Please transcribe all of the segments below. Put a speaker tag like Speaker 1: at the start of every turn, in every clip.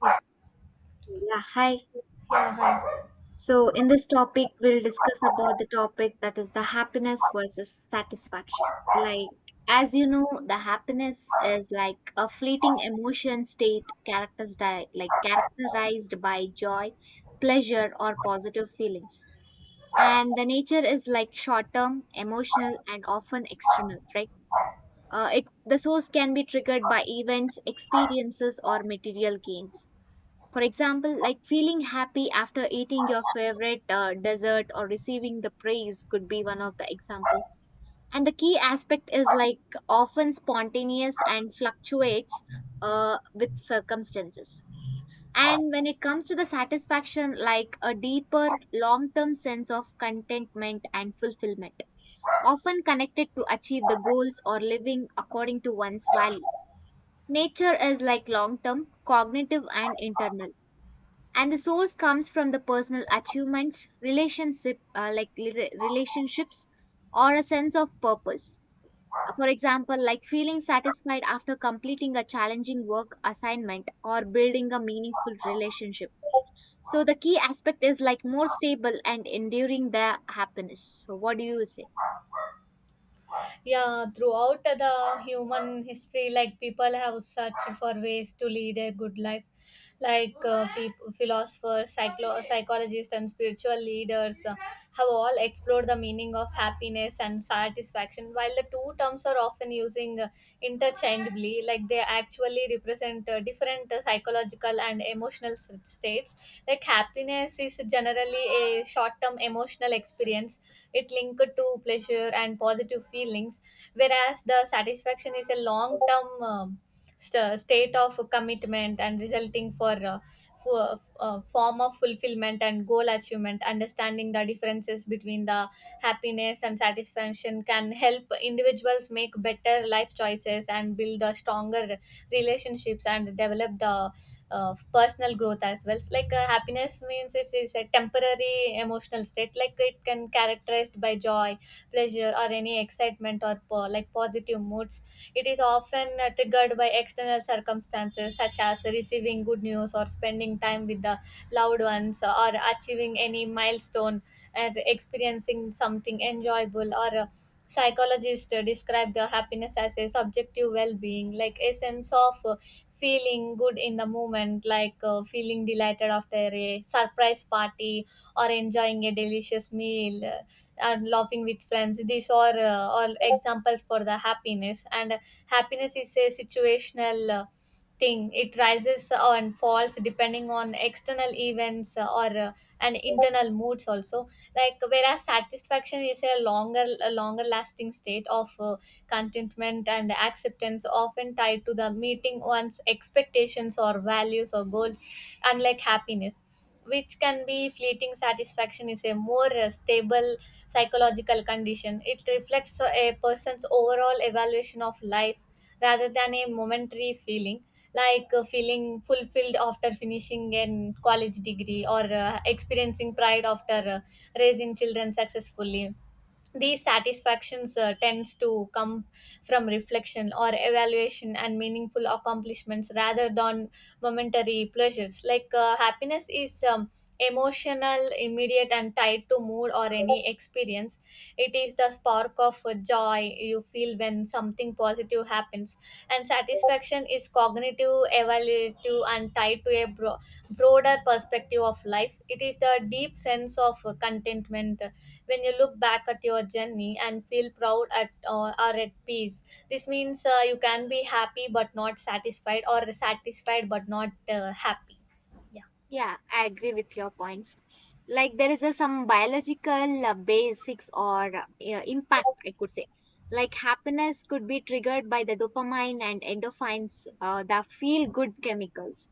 Speaker 1: It's- Yeah, hi.
Speaker 2: Yeah, hi.
Speaker 1: So in this topic, we'll discuss about the topic that is the happiness versus satisfaction. Like, as you know, the happiness is like a fleeting emotion state characterized by joy, pleasure, or positive feelings. And the nature is like short-term, emotional, and often external, right? It the source can be triggered by events, experiences, or material gains. For example, like feeling happy after eating your favorite dessert or receiving the praise could be one of the example. And the key aspect is like often spontaneous and fluctuates with circumstances. And when it comes to the satisfaction, like a deeper long term sense of contentment and fulfillment, often connected to achieve the goals or living according to one's value. Nature is like long term, cognitive, and internal, and the source comes from the personal achievements relationship like relationships or a sense of purpose. For example like feeling satisfied after completing a challenging work assignment or building a meaningful relationship. So the key aspect is like more stable and enduring the happiness. So what do you say?
Speaker 2: Yeah, throughout the human history, like people have searched for ways to lead a good life. Like people, philosophers, psychologists, and spiritual leaders have all explored the meaning of happiness and satisfaction. While the two terms are often using interchangeably, like they actually represent different psychological and emotional states. Like happiness is generally a short-term emotional experience, it linked to pleasure and positive feelings, whereas the satisfaction is a long term state of commitment and resulting form of fulfillment and goal achievement. Understanding the differences between the happiness and satisfaction can help individuals make better life choices and build the stronger relationships and develop the personal growth as well. It's like happiness means it's a temporary emotional state. Like it can characterized by joy, pleasure, or any excitement or like positive moods. It is often triggered by external circumstances such as receiving good news or spending time with the loved ones or achieving any milestone and experiencing something enjoyable or psychologists describe the happiness as a subjective well-being, like a sense of feeling good in the moment, like feeling delighted after a surprise party or enjoying a delicious meal and laughing with friends. These are all examples for the happiness, and happiness is a situational thing, it rises and falls depending on external events or and internal moods also, like whereas satisfaction is a longer lasting state of contentment and acceptance, often tied to the meeting one's expectations or values or goals. Unlike happiness, which can be fleeting, satisfaction is a more stable psychological condition. It reflects a person's overall evaluation of life rather than a momentary feeling, like feeling fulfilled after finishing an college degree or experiencing pride after raising children successfully. These satisfactions tends to come from reflection or evaluation and meaningful accomplishments rather than momentary pleasures. Like happiness is emotional, immediate, and tied to mood or any experience. It is the spark of joy you feel when something positive happens, and satisfaction is cognitive, evaluative, and tied to a broader perspective of life. It is the deep sense of contentment when you look back at your journey and feel proud at or at peace. This means you can be happy but not satisfied, or satisfied but not happy. Yeah.
Speaker 1: Yeah, I agree with your points. Like there is some biological basics or yeah, impact, I could say. Like happiness could be triggered by the dopamine and endorphins, the feel-good chemicals,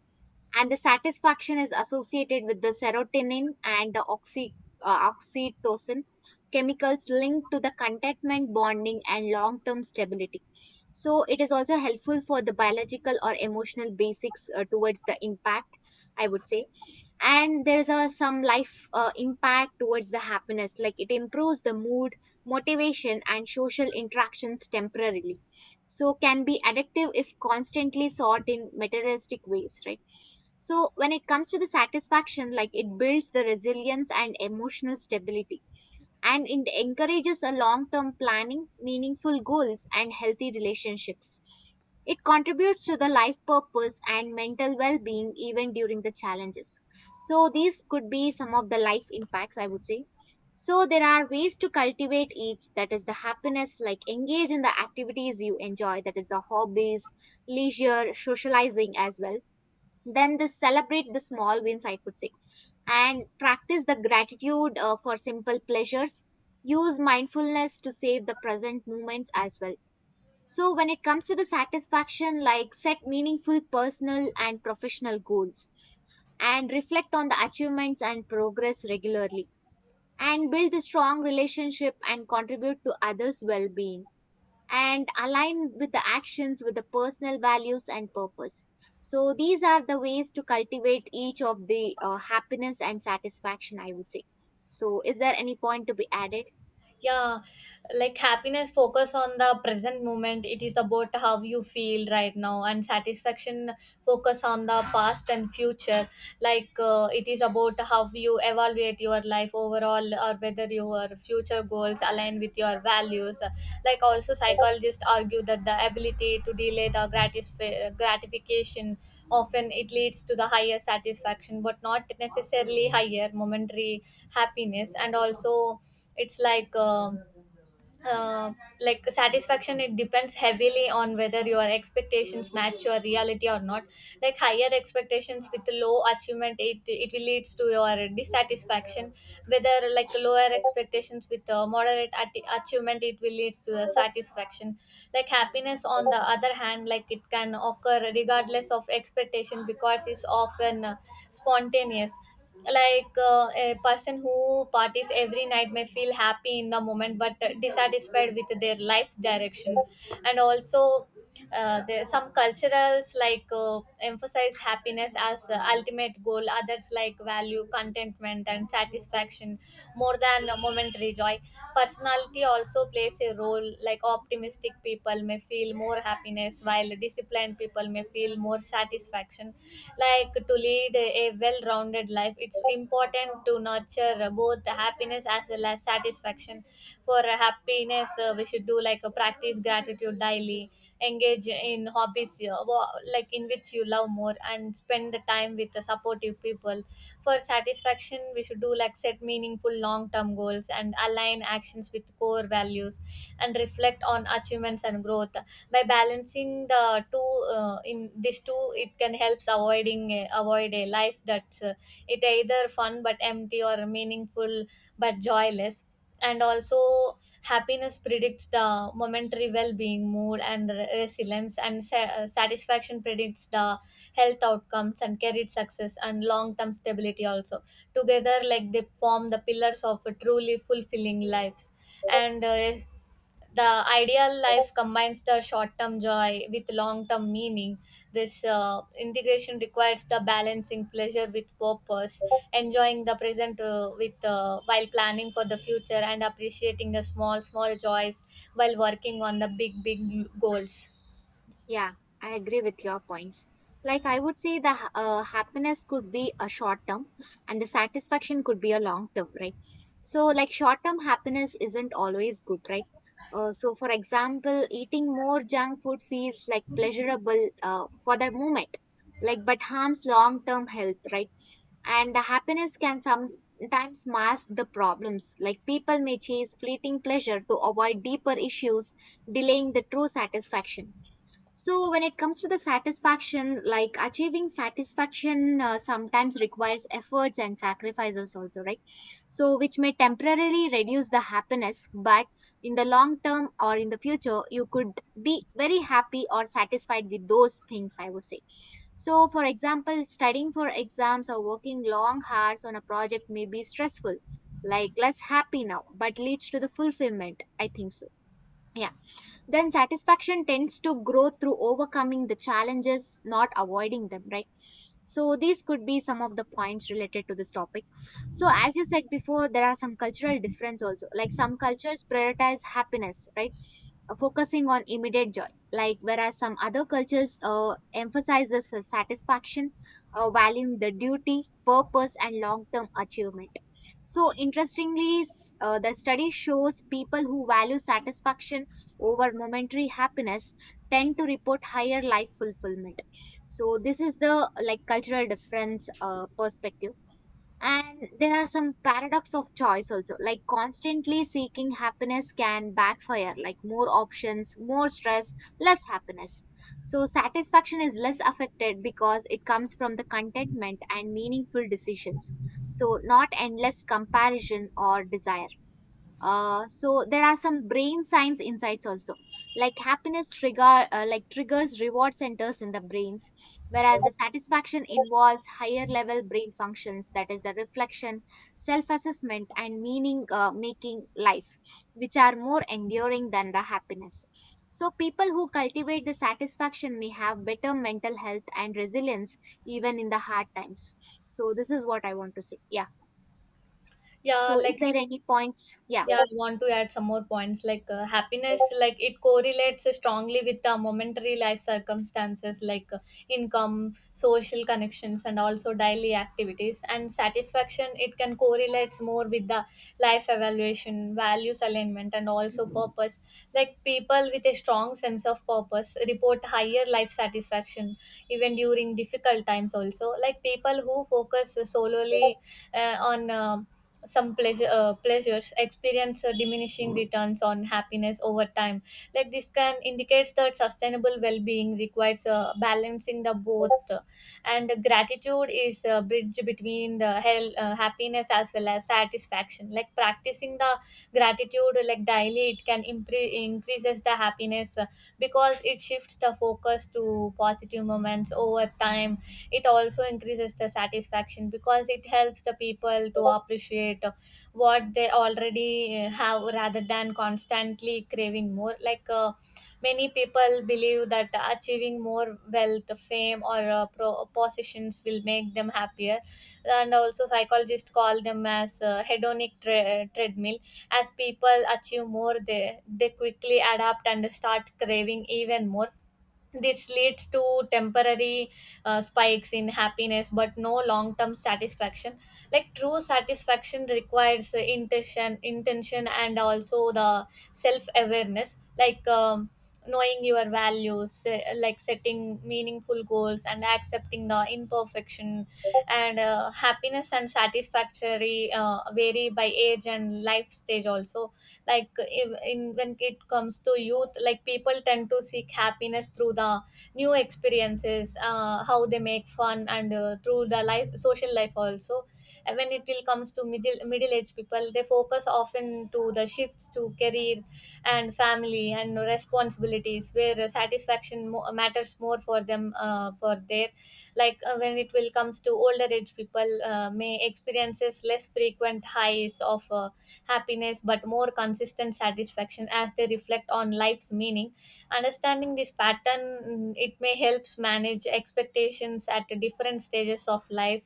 Speaker 1: and the satisfaction is associated with the serotonin and the oxytocin chemicals linked to the contentment, bonding, and long-term stability. So it is also helpful for the biological or emotional basics towards the impact, I would say. And there's are some life impact towards the happiness, like it improves the mood, motivation and social interactions temporarily, so can be addictive if constantly sought in materialistic ways, right? So when it comes to the satisfaction, like it builds the resilience and emotional stability, and it encourages a long term planning, meaningful goals and healthy relationships. It contributes to the life purpose and mental well being even during the challenges. So, these could be some of the life impacts, I would say. So, there are ways to cultivate each, that is the happiness, like engage in the activities you enjoy, that is the hobbies, leisure, socializing as well. Then, this celebrate the small wins, I could say, and practice the gratitude for simple pleasures. Use mindfulness to save the present moments as well. So, when it comes to the satisfaction, like set meaningful personal and professional goals, and reflect on the achievements and progress regularly, and build a strong relationship and contribute to others' well being, and align with the actions with the personal values and purpose. So, these are the ways to cultivate each of the happiness and satisfaction, I would say. So, is there any point to be added?
Speaker 2: Yeah, like happiness focus on the present moment, it is about how you feel right now, and satisfaction focus on the past and future. Like it is about how you evaluate your life overall or whether your future goals align with your values. Like also psychologists argue that the ability to delay the gratification, often it leads to the higher satisfaction but not necessarily higher momentary happiness. And also it's like uh, like satisfaction, it depends heavily on whether your expectations match your reality or not. Like higher expectations with low achievement, it will leads to your dissatisfaction, whether like lower expectations with moderate achievement, it will leads to the satisfaction. Like happiness on the other hand, like it can occur regardless of expectation because it's often spontaneous. Like a person who parties every night may feel happy in the moment but dissatisfied with their life's direction. And also there some culturals, like emphasize happiness as ultimate goal, others like value contentment and satisfaction more than momentary joy. Personality also plays a role, like optimistic people may feel more happiness while disciplined people may feel more satisfaction. Like to lead a well-rounded life, it's important to nurture both happiness as well as satisfaction. For happiness we should do like a practice gratitude daily, engage in hobbies like in which you love more, and spend the time with the supportive people. For satisfaction we should do like set meaningful long-term goals and align actions with core values and reflect on achievements and growth. By balancing the two in these two, it can helps avoiding avoid a life that's it either fun but empty, or meaningful but joyless. And also happiness predicts the momentary well-being, mood, and resilience, and satisfaction predicts the health outcomes and career success and long-term stability also. Together like they form the pillars of a truly fulfilling lives. And the ideal life combines the short-term joy with long-term meaning. This integration requires the balancing pleasure with purpose, enjoying the present with while planning for the future and appreciating the small joys while working on the big goals.
Speaker 1: Yeah, I agree with your points. Like, I would say the happiness could be a short term and the satisfaction could be a long term, right? So, like, short term happiness isn't always good, right? So, for example, eating more junk food feels like pleasurable for the moment, like, but harms long term health, right? And the happiness can sometimes mask the problems. Like, people may chase fleeting pleasure to avoid deeper issues, delaying the true satisfaction. So, when it comes to the satisfaction, like achieving satisfaction sometimes requires efforts and sacrifices, also, right? So, which may temporarily reduce the happiness, but in the long term or in the future, you could be very happy or satisfied with those things, I would say. So, for example, studying for exams or working long hours on a project may be stressful, like less happy now, but leads to the fulfillment. I think so. Yeah. Then satisfaction tends to grow through overcoming the challenges, not avoiding them, right? So these could be some of the points related to this topic. So as you said before, there are some cultural difference also. Like some cultures prioritize happiness, right? Focusing on immediate joy, like whereas some other cultures emphasizes the satisfaction, valuing the duty, purpose and long term achievement. So, interestingly, the study shows people who value satisfaction over momentary happiness tend to report higher life fulfillment. So, this is the like cultural difference perspective. And there are some paradox of choice also, like constantly seeking happiness can backfire, like more options, more stress, less happiness. So satisfaction is less affected because it comes from the contentment and meaningful decisions. So not endless comparison or desire. So there are some brain science insights also, like happiness trigger like triggers reward centers in the brains, whereas the satisfaction involves higher level brain functions, that is the reflection, self assessment and meaning making life, which are more enduring than the happiness. So people who cultivate the satisfaction may have better mental health and resilience even in the hard times. So this is what I want to say. Yeah.
Speaker 2: Yeah,
Speaker 1: So is
Speaker 2: like.
Speaker 1: there any points? Yeah,
Speaker 2: Yeah, I want to add some more points. Like happiness, like it correlates strongly with the momentary life circumstances, like income, social connections, and also daily activities. And satisfaction, it can correlates more with the life evaluation, values alignment, and also purpose. Like people with a strong sense of purpose report higher life satisfaction even during difficult times also. Like people who focus solely on some pleasures experience diminishing returns on happiness over time. Like this can indicates that sustainable well-being requires balancing the both. And gratitude is a bridge between the happiness as well as satisfaction. Like practicing the gratitude, like daily, it can increases the happiness because it shifts the focus to positive moments over time. It also increases the satisfaction because it helps the people to appreciate what they already have rather than constantly craving more. Like many people believe that achieving more wealth, fame, or positions will make them happier. And also psychologists call them as hedonic treadmill. As people achieve more, they quickly adapt and start craving even more. This leads to temporary spikes in happiness, but no long term satisfaction. Like true satisfaction requires intention, and also the self awareness, like knowing your values, like setting meaningful goals, and accepting the imperfection. And happiness and satisfactory vary by age and life stage also. Like in when it comes to youth, like people tend to seek happiness through the new experiences, how they make fun, and through the life social life also. And when it will comes to middle age people, they focus often to the shifts to career and family and responsibilities, where satisfaction matters more for them for their like When it will comes to older age people, may experiences less frequent highs of happiness but more consistent satisfaction as they reflect on life's meaning. Understanding this pattern, it may helps manage expectations at different stages of life.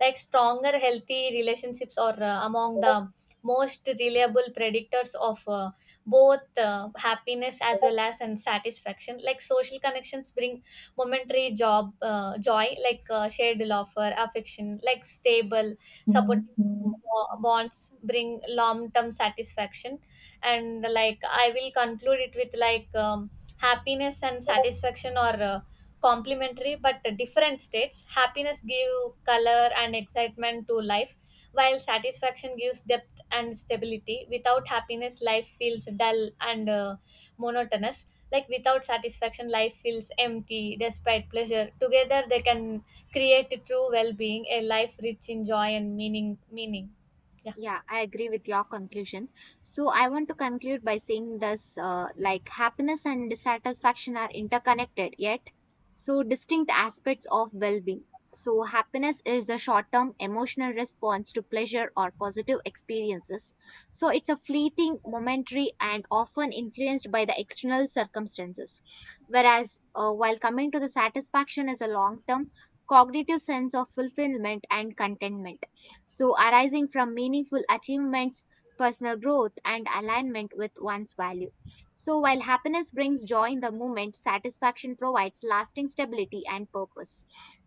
Speaker 2: Like stronger healthy relationships are among the most reliable predictors of both happiness as well as and satisfaction. Like social connections bring momentary job joy, like shared laughter, affection, like stable support bonds bring long term satisfaction. And like I will conclude it with, like happiness and satisfaction are complementary but different states. Happiness give color and excitement to life, while satisfaction gives depth and stability. Without happiness, life feels dull and monotonous. Like without satisfaction, life feels empty despite pleasure. Together they can create true well-being, a life rich in joy and meaning. Meaning, yeah.
Speaker 1: Yeah, I agree with your conclusion. So I want to conclude by saying this, like happiness and dissatisfaction are interconnected yet so distinct aspects of well-being. So happiness is a short-term emotional response to pleasure or positive experiences. So it's a fleeting, momentary and often influenced by the external circumstances. Whereas while coming to the satisfaction is a long-term cognitive sense of fulfillment and contentment, so, arising from meaningful achievements, personal growth, and alignment with one's value. So, while happiness brings joy in the moment, satisfaction provides lasting stability and purpose.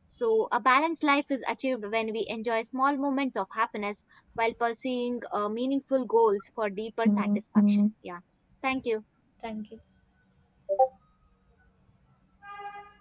Speaker 1: So, a balanced life is achieved when we enjoy small moments of happiness while pursuing meaningful goals for deeper, Mhm, satisfaction. Yeah. Thank you.
Speaker 2: Thank you.